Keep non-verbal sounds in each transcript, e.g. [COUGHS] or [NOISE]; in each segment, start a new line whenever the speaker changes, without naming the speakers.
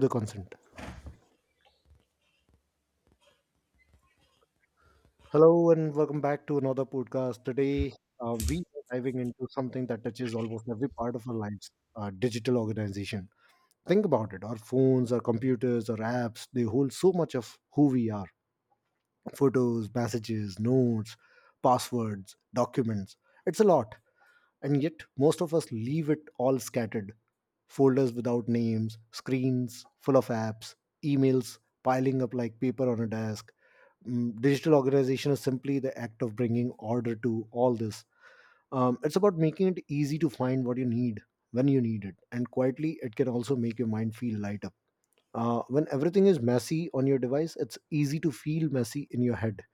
The consent. Hello and welcome back to another podcast. Today, we are diving into something that touches almost every part of our lives, digital organization. Think about it, our phones, our computers, our apps, they hold so much of who we are, photos, messages, notes, passwords, documents. It's a lot. And yet, most of us leave it all scattered, folders without names, screens full of apps, emails piling up like paper on a desk. Digital organization is simply the act of bringing order to all this. It's about making it easy to find what you need when you need it, and quietly, it can also make your mind feel light up. When everything is messy on your device, it's easy to feel messy in your head.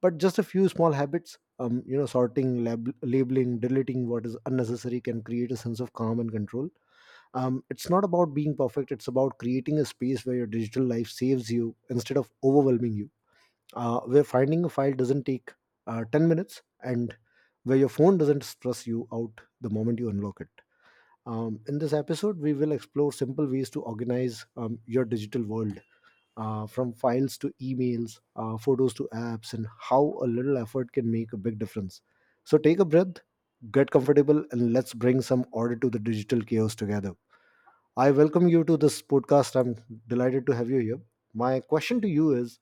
But just a few small habits, sorting, labeling, deleting what is unnecessary can create a sense of calm and control. It's not about being perfect, it's about creating a space where your digital life saves you instead of overwhelming you, where finding a file doesn't take 10 minutes, and where your phone doesn't stress you out the moment you unlock it. In this episode, we will explore simple ways to organize your digital world, from files to emails, photos to apps, and how a little effort can make a big difference. So take a breath, get comfortable, and let's bring some order to the digital chaos together. I welcome you to this podcast. I'm delighted to have you here. My question to you is,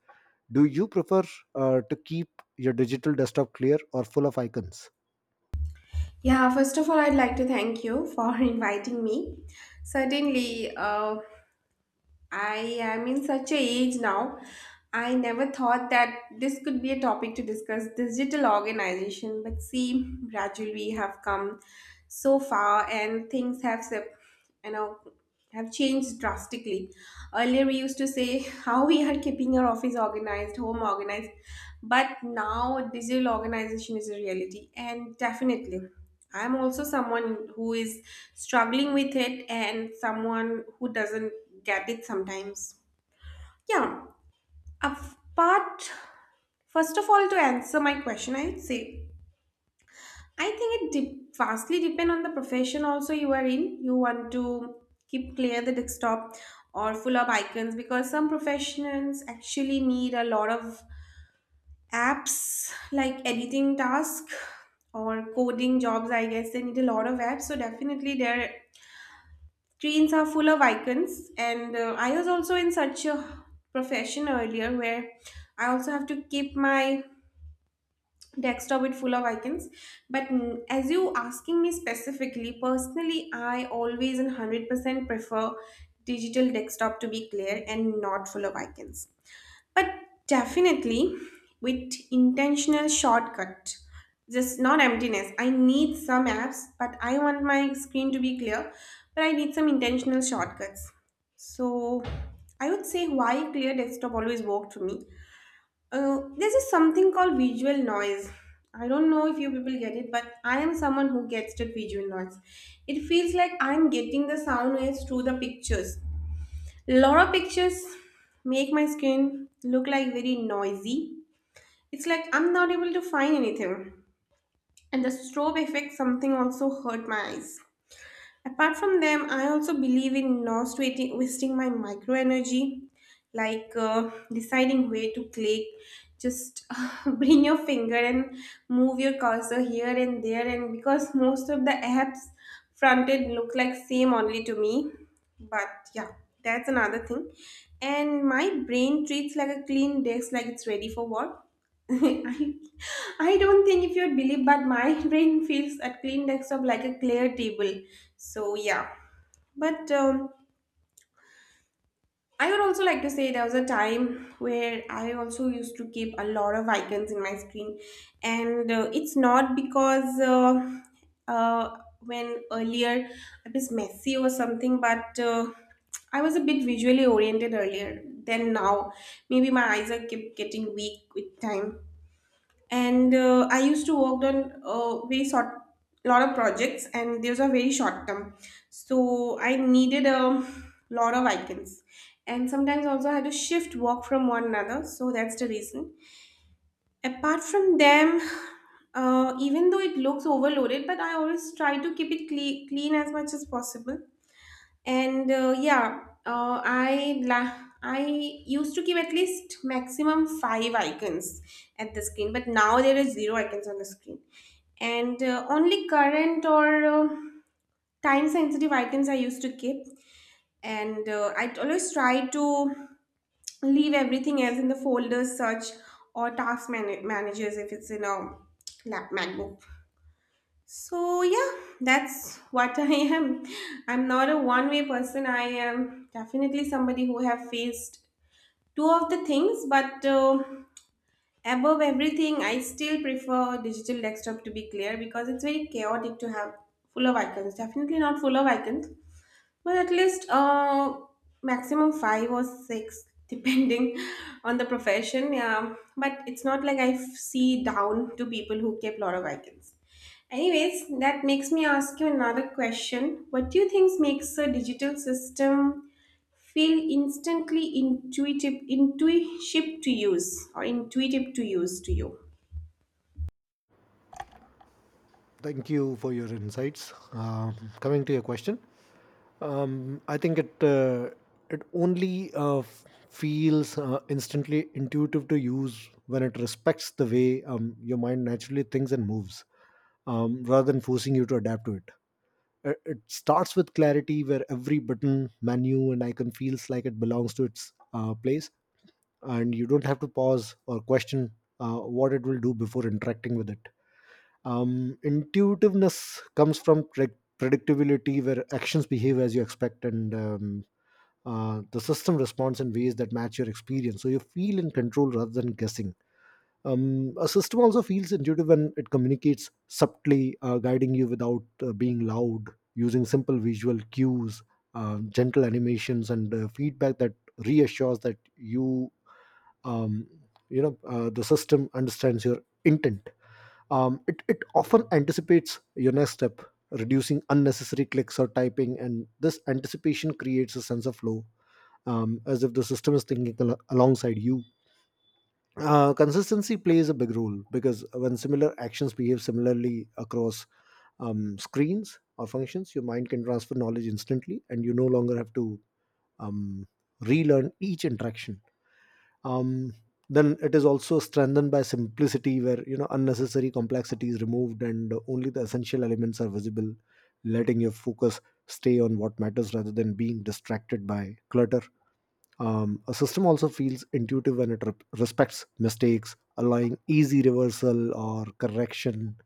do you prefer to keep your digital desktop clear or full of icons?
Yeah, first of all, I'd like to thank you for [LAUGHS] inviting me. Certainly, I am in such a age now. I never thought that this could be a topic to discuss digital organization, but see, gradually we have come so far, and things have, sep- you know, have changed drastically. Earlier, we used to say [LAUGHS] how we are keeping our office organized, home organized, but now digital organization is a reality, and definitely. I'm also someone who is struggling with it and someone who doesn't get it sometimes. Yeah, apart, first of all, to answer my question, I would say I think it vastly depend on the profession also you are in. You want to keep clear the desktop or full of icons, because some professionals actually need a lot of apps, like editing task or coding jobs. I guess they need a lot of apps, so definitely their trains are full of icons. And I was also in such a profession earlier where I also have to keep my desktop with full of icons. But as you asking me specifically, personally, I always and 100% prefer digital desktop to be clear and not full of icons. But definitely with intentional shortcut. Just not emptiness. I need some apps, but I want my screen to be clear. But I need some intentional shortcuts. So I would say why clear desktop always worked for me. This is something called visual noise. I don't know if you people get it, but I am someone who gets the visual noise. It feels like I'm getting the sound waves through the pictures. Lot of pictures make my skin look like very noisy. It's like I'm not able to find anything. And the strobe effect something also hurt my eyes. Apart from them, I also believe in not waiting, wasting my micro energy, like deciding where to click. Just [LAUGHS] bring your finger and move your cursor here and there, and because most of the apps fronted look like same only to me. But yeah, that's another thing. And my brain treats like a clean desk, like it's ready for work. [LAUGHS] I, I don't think if you'd believe, but my [LAUGHS] brain feels a clean desktop like a clear table. So yeah, but I would also like to say there was a time where I also used to keep a lot of icons in my screen, and it's not because when earlier I was messy or something, but I was a bit visually oriented earlier than now. Maybe my eyes are keep getting weak with time, and I used to work on a very short lot of projects, and those are very short term, so I needed a lot of icons. And sometimes also I had to shift work from one another, so that's the reason. Apart from them, even though it looks overloaded, but I always try to keep it clean as much as possible. And yeah, I used to keep at least maximum five icons at the screen, but now there is zero icons on the screen. And only current or time sensitive items I used to keep. And I always try to leave everything else in the folders search or task managers if it's in a lap macbook. So yeah, that's what [LAUGHS] I am. I'm not a one-way person. I am definitely somebody who have faced two of the things, but above everything, I still prefer digital desktop to be clear because it's very chaotic to have full of icons. Definitely not full of icons, but at least maximum five or six depending [LAUGHS] on the profession. Yeah, but it's not like I see down to people who keep lot of icons. Anyways, that makes me ask you another question. What do you think makes a digital system feel instantly intuitive to use, or intuitive to use, to you?
Thank you for your insights. Coming to your question, I think it only feels instantly intuitive to use when it respects the way your mind naturally thinks and moves, rather than forcing you to adapt to it. It starts with clarity where every button, menu and icon feels like it belongs to its place, and you don't have to pause or question what it will do before interacting with it. Intuitiveness comes from predictability where actions behave as you expect, and the system responds in ways that match your experience so you feel in control rather than guessing. A system also feels intuitive when it communicates subtly, guiding you without being loud, using simple visual cues, gentle animations, and feedback that reassures um, you the system understands your intent. It often anticipates your next step, reducing unnecessary clicks or typing, and this anticipation creates a sense of flow, as if the system is thinking alongside you. Consistency plays a big role because when similar actions behave similarly across screens or functions, your mind can transfer knowledge instantly, and you no longer have to um, relearn each interaction. Um, then it is also strengthened by simplicity, where you know unnecessary complexity is removed, and only the essential elements are visible, letting your focus stay on what matters rather than being distracted by clutter. A system also feels intuitive when it respects mistakes, allowing easy reversal or correction.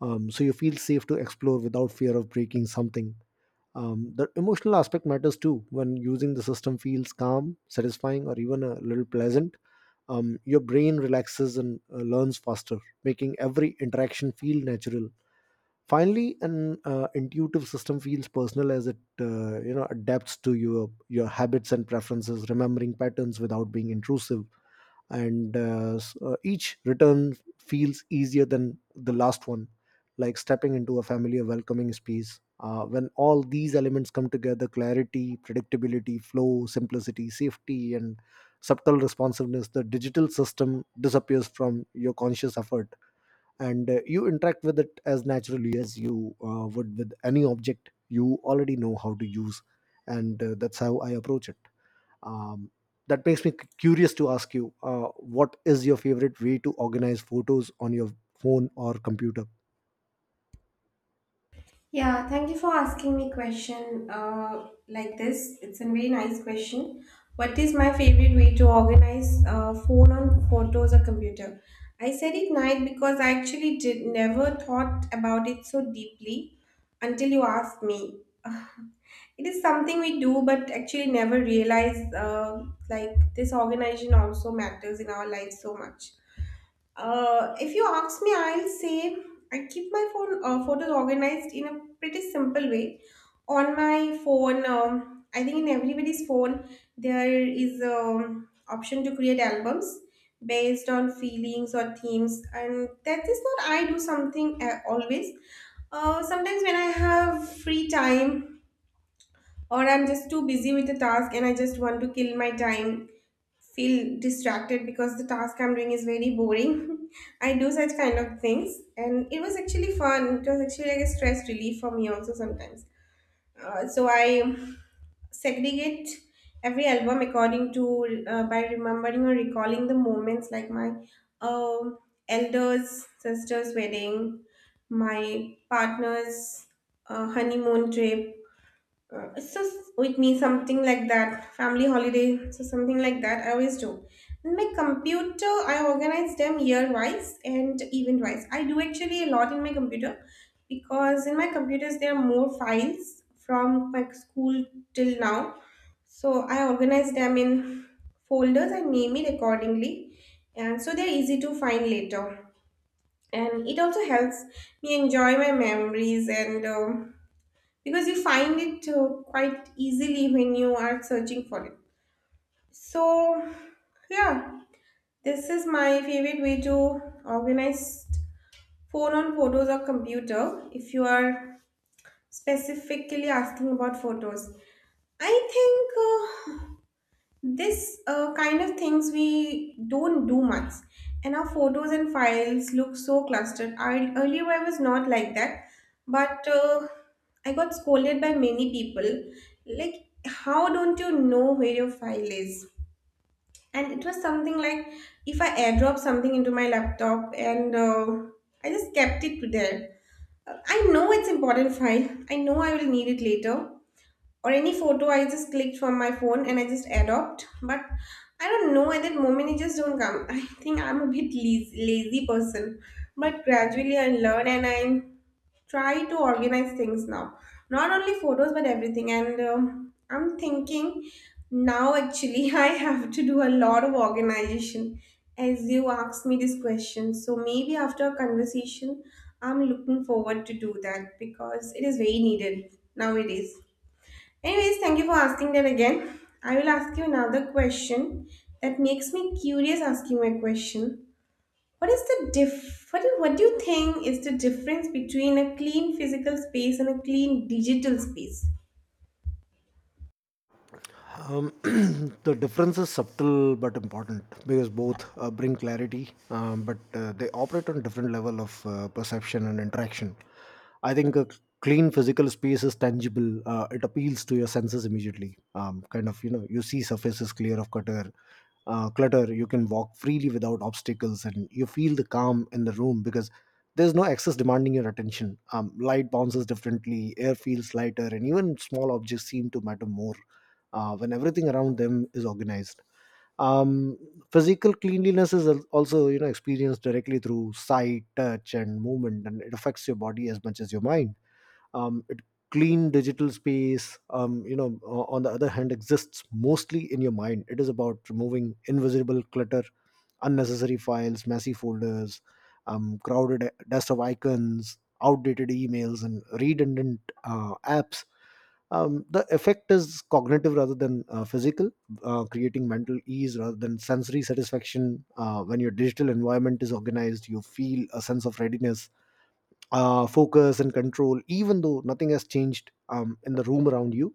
So you feel safe to explore without fear of breaking something. The emotional aspect matters too. When using the system feels calm, satisfying, or even a little pleasant, your brain relaxes and learns faster, making every interaction feel natural. Finally, an intuitive system feels personal as it, you know, adapts to your habits and preferences, remembering patterns without being intrusive. And s- each return feels easier than the last one, like stepping into a familiar, welcoming space. When all these elements come together, clarity, predictability, flow, simplicity, safety, and subtle responsiveness, the digital system disappears from your conscious effort, and you interact with it as naturally as you would with any object you already know how to use. And That's how I approach it. um, that makes me curious to ask you, what is your favorite way to organize photos on your phone or computer?
Yeah, thank you for asking me question like this. It's a very nice question. What is my favorite way to organize phone on photos or computer? I said Ignite because I actually did never thought about it so deeply until you asked me. [SIGHS] [LAUGHS] It is something we do, but actually never realize like this organization also matters in our life so much. If you ask me, I'll say I keep my phone photos organized in a pretty simple way. On my phone, I think in everybody's phone there is an option to create albums based on feelings or themes, and that is not I do something always. Sometimes when I have free time or I'm just too busy with the task and I just want to kill my time, feel distracted because the task I'm doing is very boring. [LAUGHS] I do such kind of things, and it was actually fun. It was actually like a stress relief for me also sometimes. So I segregate every album according to by remembering or recalling the moments, like my um elders sister's wedding, my partner's honeymoon trip, so with me something like that, family holiday, so something like that I always do. In my computer, I organize them year wise and event wise. I do actually a lot in my computer because in my computers there are more files from my school till now. So I organize them in folders and name it accordingly, and so they're easy to find later. And it also helps me enjoy my memories. And because you find it quite easily when you are searching for it. So, yeah, this is my favorite way to organize phone on photos or computer if you are specifically asking about photos. I think this kind of things we don't do much, and our photos and files look so clustered. Earlier, I was not like that, but I got scolded by many people. Like, how don't you know where your file is? And it was something like if I airdrop something into my laptop, and I just kept it there. I know it's important file. I know I will need it later, or any photo I just clicked from my phone and I just adopt. But I don't know at that moment it just don't come. [LAUGHS] I think I'm a bit lazy person, but gradually I learn and I try to organize things now. Not only photos but everything. And I'm thinking now actually [LAUGHS] I have to do a lot of organization as you asked me this question. So maybe after a conversation, I'm looking forward to do that because it is very needed nowadays. Anyways, thank you for asking that again. I will ask you another question that makes me curious asking my question. What is the diff What do you think is the difference between a clean physical space and a clean digital space?
Um, [CLEARS THROAT] the difference is subtle but important because both bring clarity, but they operate on different level of perception and interaction. I think a clean physical space is tangible. It appeals to your senses immediately. Kind of, you know, you see surfaces clear of clutter. You can walk freely without obstacles, and you feel the calm in the room because there's no excess demanding your attention. Light bounces differently, air feels lighter, and even small objects seem to matter more when everything around them is organized. Um, Physical cleanliness is also, you know, experienced directly through sight, touch, and movement, and it affects your body as much as your mind. It clean digital space, you know, on the other hand, exists mostly in your mind. It is about removing invisible clutter, unnecessary files, messy folders, crowded dust of icons, outdated emails, and redundant apps. The effect is cognitive rather than physical, creating mental ease rather than sensory satisfaction. When your digital environment is organized, you feel a sense of readiness, focus, and control, even though nothing has changed in the room around you.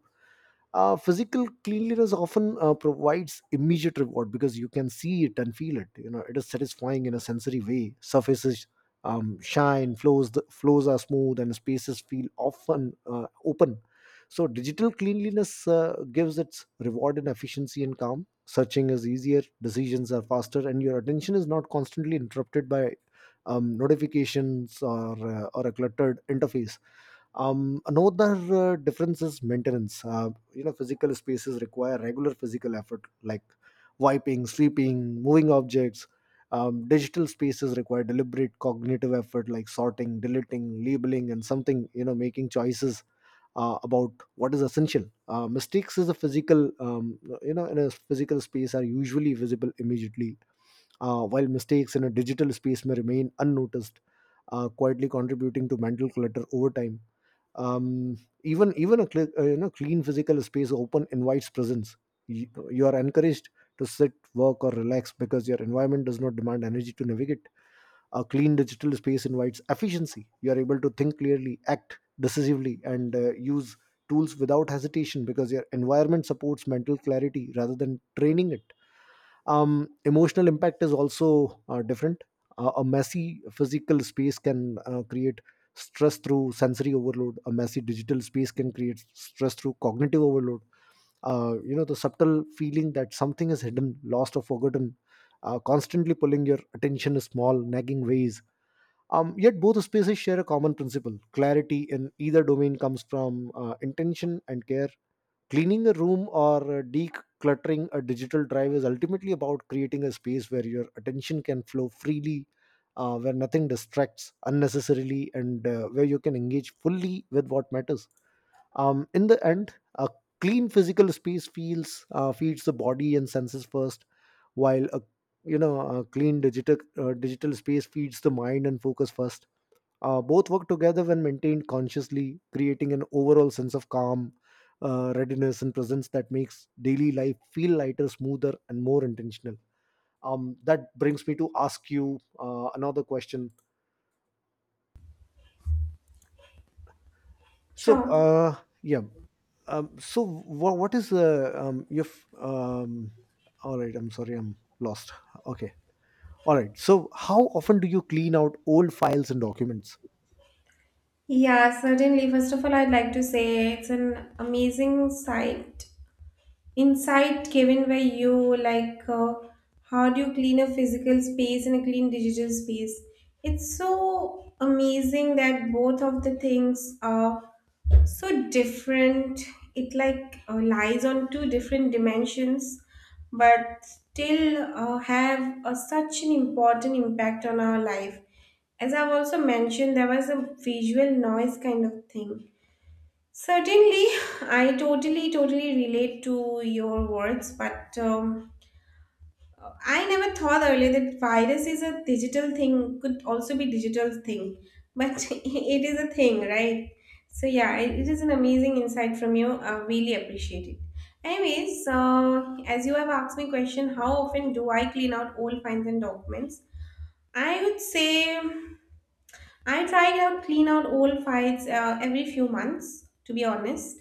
Physical cleanliness often provides immediate reward because you can see it and feel it. You know, it is satisfying in a sensory way: surfaces shine, flows are smooth, and spaces feel often open. So digital cleanliness gives its reward in efficiency and calm. Searching is easier, decisions are faster, and your attention is not constantly interrupted by notifications or a cluttered interface. Another difference is maintenance. You know, physical spaces require regular physical effort, like wiping, sweeping, moving objects. Digital spaces require deliberate cognitive effort, like sorting, deleting, labeling, and something, you know, making choices about what is essential. Mistakes is a physical, you know, in a physical space are usually visible immediately, while mistakes in a digital space may remain unnoticed, quietly contributing to mental clutter over time. Um, even even a you know, clean physical space open invites presence. You are encouraged to sit, work or relax because your environment does not demand energy to navigate. A clean digital space invites efficiency. You are able to think clearly, act decisively, and use tools without hesitation because your environment supports mental clarity rather than training it. Emotional impact is also different. A messy physical space can create stress through sensory overload. A messy digital space can create stress through cognitive overload. You know, the subtle feeling that something is hidden, lost, or forgotten, constantly pulling your attention in small, nagging ways. Yet both spaces share a common principle: clarity in either domain comes from intention and care. Cleaning the room or decluttering a digital drive is ultimately about creating a space where your attention can flow freely, where nothing distracts unnecessarily, and where you can engage fully with what matters. In the end, a clean physical space feels feeds the body and senses first, while a, you know, a clean digital space feeds the mind and focus first. Both work together when maintained consciously, creating an overall sense of calm, readiness, and presence that makes daily life feel lighter, smoother, and more intentional. That brings me to ask you another question. So,
Sure.
uh, yeah. So, wha what is your? F- Um, all right. I'm sorry. I'm lost. Okay. All right. So, how often do you clean out old files and documents?
Yeah, certainly. First of all, I'd like to say it's an amazing sight inside, Kevin, where you like how do you clean a physical space and a clean digital space? It's so amazing that both of the things are so different. It like lies on two different dimensions, but still have such an important impact on our life. As I've also mentioned, there was a visual noise kind of thing. Certainly, I totally, totally relate to your words, but I never thought earlier that virus is a digital thing, could also be digital thing, but [LAUGHS] it is a thing, right? So yeah, it is an amazing insight from you. I really appreciate it. Anyways, as you have asked me question, how often do I clean out old files and documents? I would say I try out clean out old files every few months, to be honest,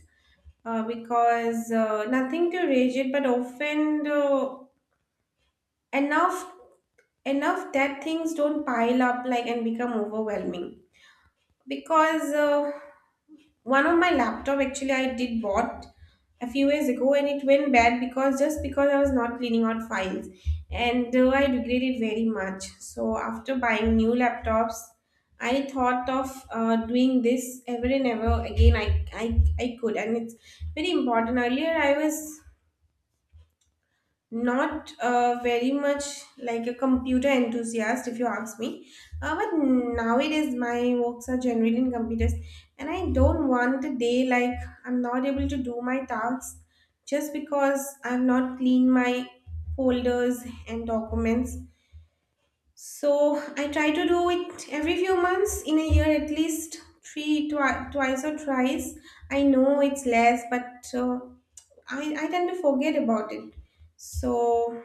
because nothing too rigid, but often enough enough that things don't pile up like and become overwhelming. Because one of my laptop actually I did bought a few years ago, and it went bad because just because I was not cleaning out files, and I regret it very much. So after buying new laptops, I thought of doing this ever and ever again. I could and it's very important. Earlier I was not very much like a computer enthusiast, if you ask me. But nowadays, my works are generally in computers, and I don't want a day like I'm not able to do my tasks just because I've not cleaned my folders and documents. So I try to do it every few months in a year at least three twice or thrice. I know it's less, but I tend to forget about it. So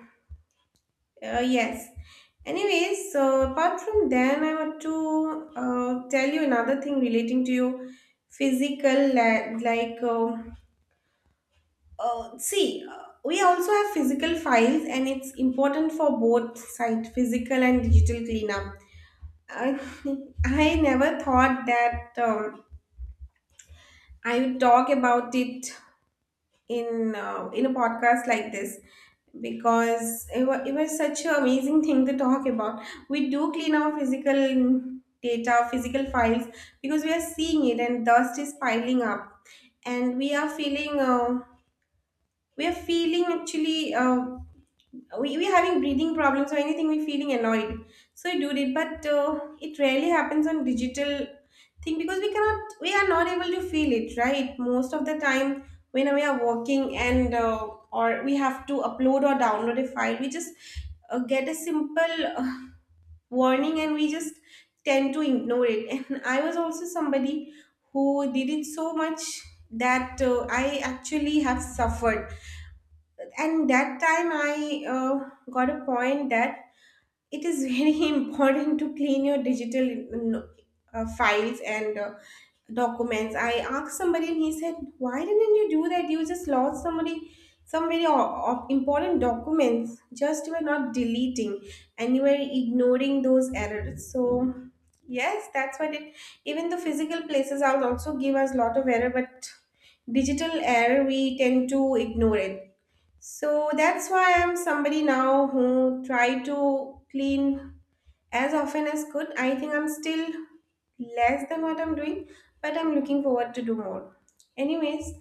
uh, yes. Anyways, so apart from then, I want to tell you another thing relating to your physical, like, see, we also have physical files, and it's important for both side physical and digital cleanup. I, [LAUGHS] I never thought that I would talk about it in a podcast like this because it was such an amazing thing to talk about. We do clean our physical data, physical files, because we are seeing it and dust is piling up, and we are feeling actually, we having breathing problems or anything, we feeling annoyed, so we do it. But it rarely happens on digital thing because we are not able to feel it, right, most of the time when we are working. And or we have to upload or download a file, we just get a simple warning and we just tend to ignore it. [LAUGHS] And I was also somebody who did it so much that I actually have suffered. And that time I got a point that it is [LAUGHS] very important to clean your digital mm, files and documents. I asked somebody and he said, why didn't you do that? You just lost somebody some very important documents just you were not deleting and you were ignoring those errors. So yes, that's what it. Even the physical places are also give us lot of error, but digital error we tend to ignore it. So that's why I'm somebody now who try to clean as often as could. I think I'm still less than what I'm doing, but I'm looking forward to do more. Anyways,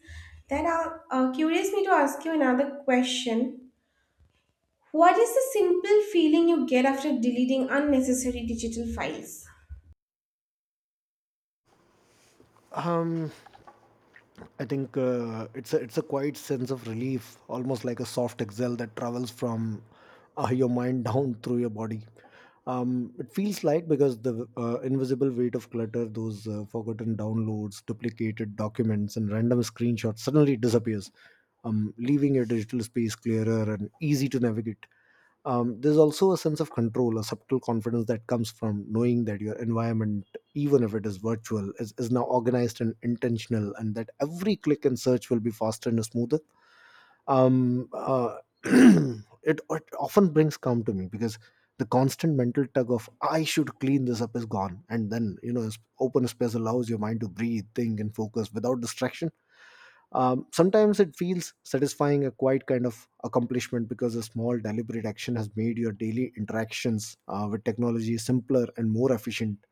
that curious me to ask you another question. What is the simple feeling you get after deleting unnecessary digital files?
Um, I think it's a quiet sense of relief, almost like a soft exhale that travels from your mind [LAUGHS] down through your body. It feels light because the invisible weight of clutter, those forgotten downloads, duplicated documents, and random screenshots suddenly disappears, leaving your digital space clearer and easy to navigate. There's also a sense of control, a subtle confidence that comes from knowing that your environment, even if it is virtual, is now organized and intentional, and that every click and search will be faster and smoother. Um, uh, [CLEARS THROAT] it often brings calm to me because the constant mental tug of "I should clean this up" is gone, and then, you know, open space allows your mind to breathe, think, and focus without distraction. Sometimes it feels satisfying, a quiet kind of accomplishment because a small deliberate action has made your daily interactions with technology simpler and more efficient.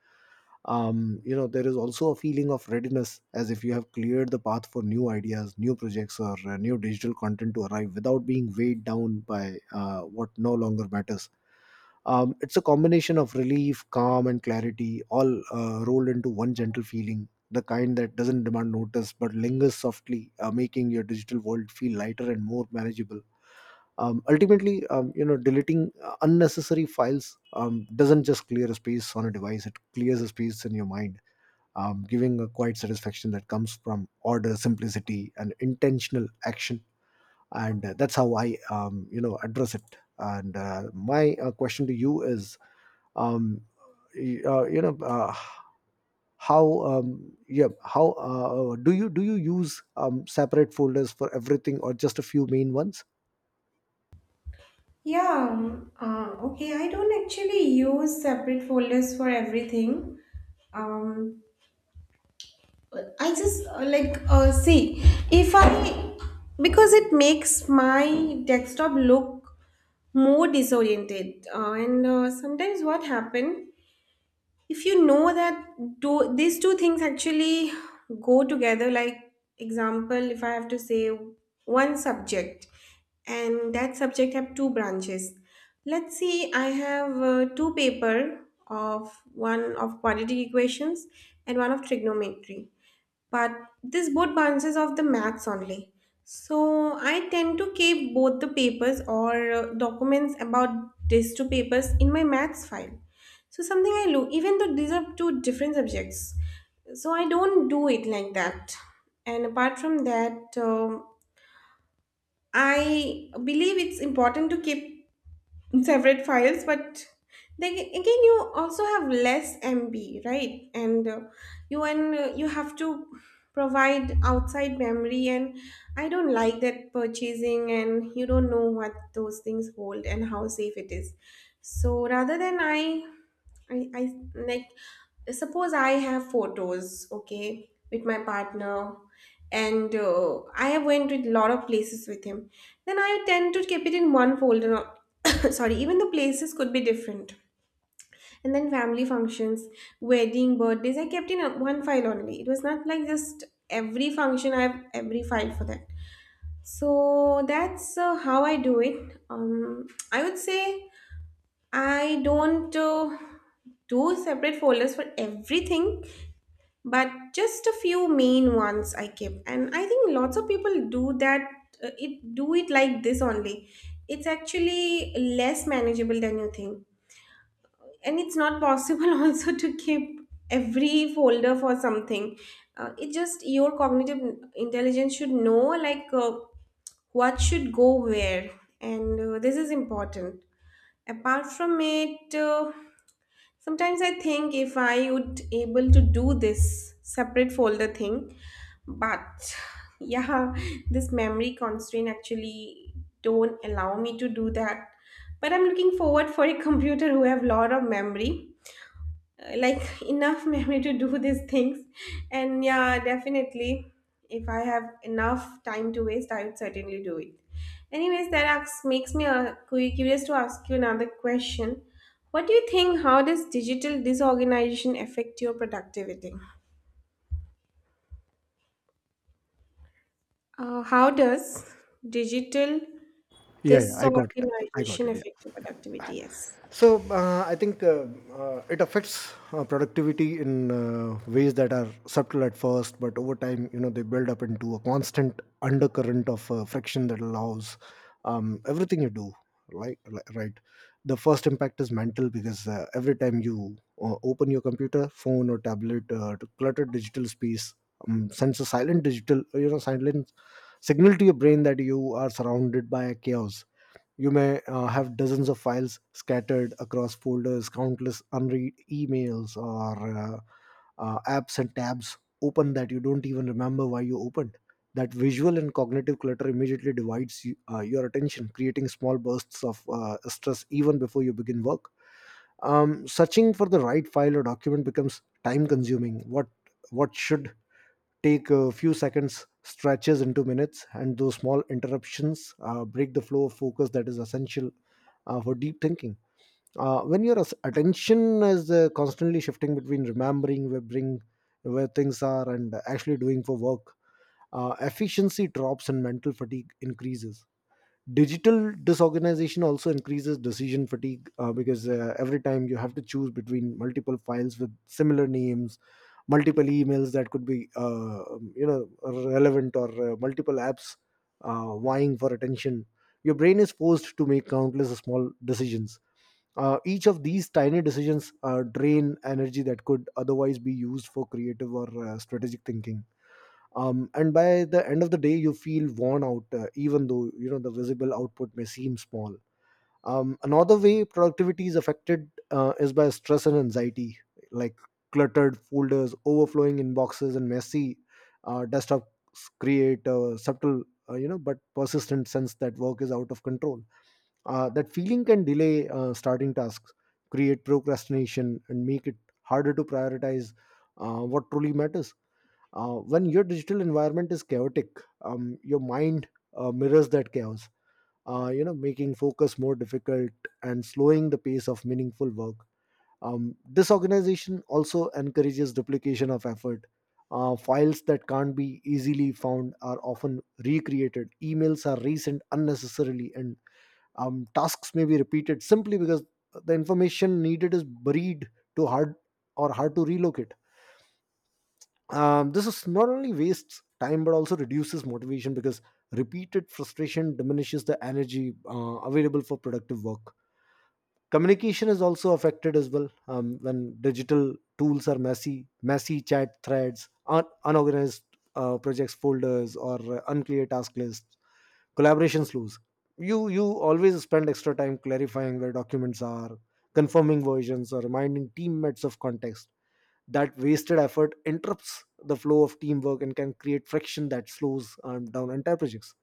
Um, there is also a feeling of readiness, as if you have cleared the path for new ideas, new projects, or new digital content to arrive without being weighed down by what no longer matters. It's a combination of relief, calm, and clarity, all rolled into one gentle feeling, the kind that doesn't demand notice but lingers softly, making your digital world feel lighter and more manageable. Ultimately, deleting unnecessary files doesn't just clear a space on a device, it clears a space in your mind, giving a quiet satisfaction that comes from order, simplicity, and intentional action. And that's how I address it. And my question to you is, um, y- uh, you know, uh, how, how do you use separate folders for everything, or just a few main ones?
Yeah, okay. I don't actually use separate folders for everything. Um, I just like see, if I, because it makes my desktop look more disoriented and sometimes what happen if you know that do these two things actually go together, like example, if I have to say one subject and that subject have two branches, let's see, I have two paper, of one of quadratic equations and one of trigonometry, but this board bounces off the max only. So I tend to keep both the papers or documents about these two papers in my maths file, so something I look, even though these are two different subjects. So I don't do it like that. And apart from that, I believe it's important to keep separate files, but they again, you also have less MB, right? And you have to provide outside memory, and I don't like that purchasing, and you don't know what those things hold and how safe it is. So rather than I, I like, suppose I have photos, okay, with my partner, and I have went to a lot of places with him. Then I tend to keep it in one folder. Not- [COUGHS] Sorry, even the places could be different. And then family functions, wedding, birthdays, I kept in one file only. It was not like just every function I have every file for that. So that's how I do it. I would say I don't do separate folders for everything, but just a few main ones I keep. And I think lots of people do that. It do it like this only. It's actually less manageable than you think, and it's not possible [LAUGHS] also to keep every folder for something. It just your cognitive intelligence should know like what should go where. And this is important. Apart from it, sometimes I think if I would able to do this separate folder thing, but yeah, this memory constraint actually don't allow me to do that. But I'm looking forward for a [LAUGHS] computer who have lot of memory, like enough memory to do these things. And yeah, definitely, if I have enough time to waste, I would certainly do it. Anyways, that asks, makes me curious to ask you another question. What do you think, how does digital disorganization affect your productivity? How does digital
Yeah, yeah, I got it. I got
disorganization
it.
affect
Yeah.
your productivity Yes,
So I think it affects productivity in ways that are subtle at first, but over time, you know, they build up into a constant undercurrent of friction that allows everything you do. Right. The first impact is mental, because every time you open your computer, phone, or tablet to cluttered digital space, sends a silent digital, you know, silent signal to your brain that you are surrounded by chaos. You may have dozens of files scattered across folders, countless unread emails, or apps and tabs open that you don't even remember why you opened. That visual and cognitive clutter immediately divides your attention, creating small bursts of stress even before you begin work. Searching for the right file or document becomes time consuming. What should take a few seconds stretches into minutes, and those small interruptions break the flow of focus that is essential for deep thinking. When your attention is constantly shifting between remembering where bring where things are and actually doing for work, efficiency drops and mental fatigue increases. Digital disorganization also increases decision fatigue, because every time you have to choose between multiple files with similar names, multiple emails that could be relevant, or multiple apps vying for attention, your brain is forced to make countless small decisions. Each of these tiny decisions drain energy that could otherwise be used for creative or strategic thinking. And by the end of the day you feel worn out, even though you know the visible output may seem small. Another way productivity is affected is by stress and anxiety, like cluttered folders, overflowing inboxes, and messy desktops create a subtle, but persistent sense that work is out of control. That feeling can delay starting tasks, create procrastination, and make it harder to prioritize what truly matters. When your digital environment is chaotic, your mind mirrors that chaos, making focus more difficult and slowing the pace of meaningful work. Disorganization also encourages duplication of effort. Files that can't be easily found are often recreated, emails are resent unnecessarily, and tasks may be repeated simply because the information needed is buried, to hard or hard to relocate. This is not only wastes time but also reduces motivation, because repeated frustration diminishes the energy available for productive work. Communication is also affected as well. When digital tools are messy, chat threads unorganized, projects folders, or unclear task lists, collaboration slows. You always spend extra time clarifying where documents are, confirming versions, or reminding teammates of context. That wasted effort interrupts the flow of teamwork and can create friction that slows down entire projects.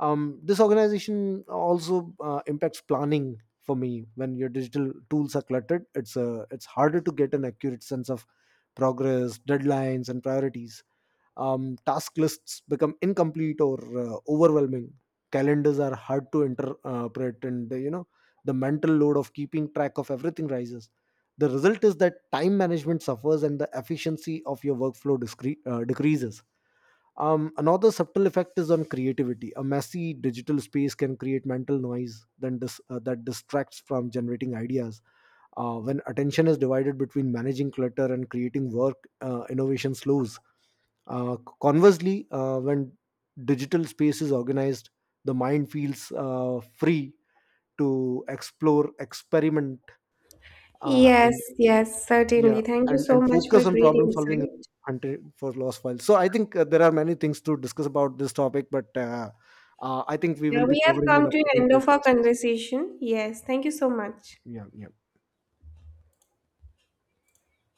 This organization also impacts planning for me. When your digital tools are cluttered, it's harder to get an accurate sense of progress, deadlines, and priorities. Task lists become incomplete or overwhelming, calendars are hard to interpret, and the mental load of keeping track of everything rises. The result is that time management suffers and the efficiency of your workflow decreases. Another subtle effect is on creativity. A messy digital space can create mental noise then that distracts from generating ideas. When attention is divided between managing clutter and creating work, innovation slows. Uh, Conversely, when digital space is organized, the mind feels free to explore, experiment,
yes,
and
yes,
yeah,
certainly, thank you
and
so
and
much for
focus on
great
problem solving and
insight.
hunting for lost files. So I think there are many things to discuss about this topic, but I think we
Yeah,
will be
we have
covering in
come to the
upcoming
end of our
podcasts.
conversation. Yes, thank you so much.
Yeah, yeah.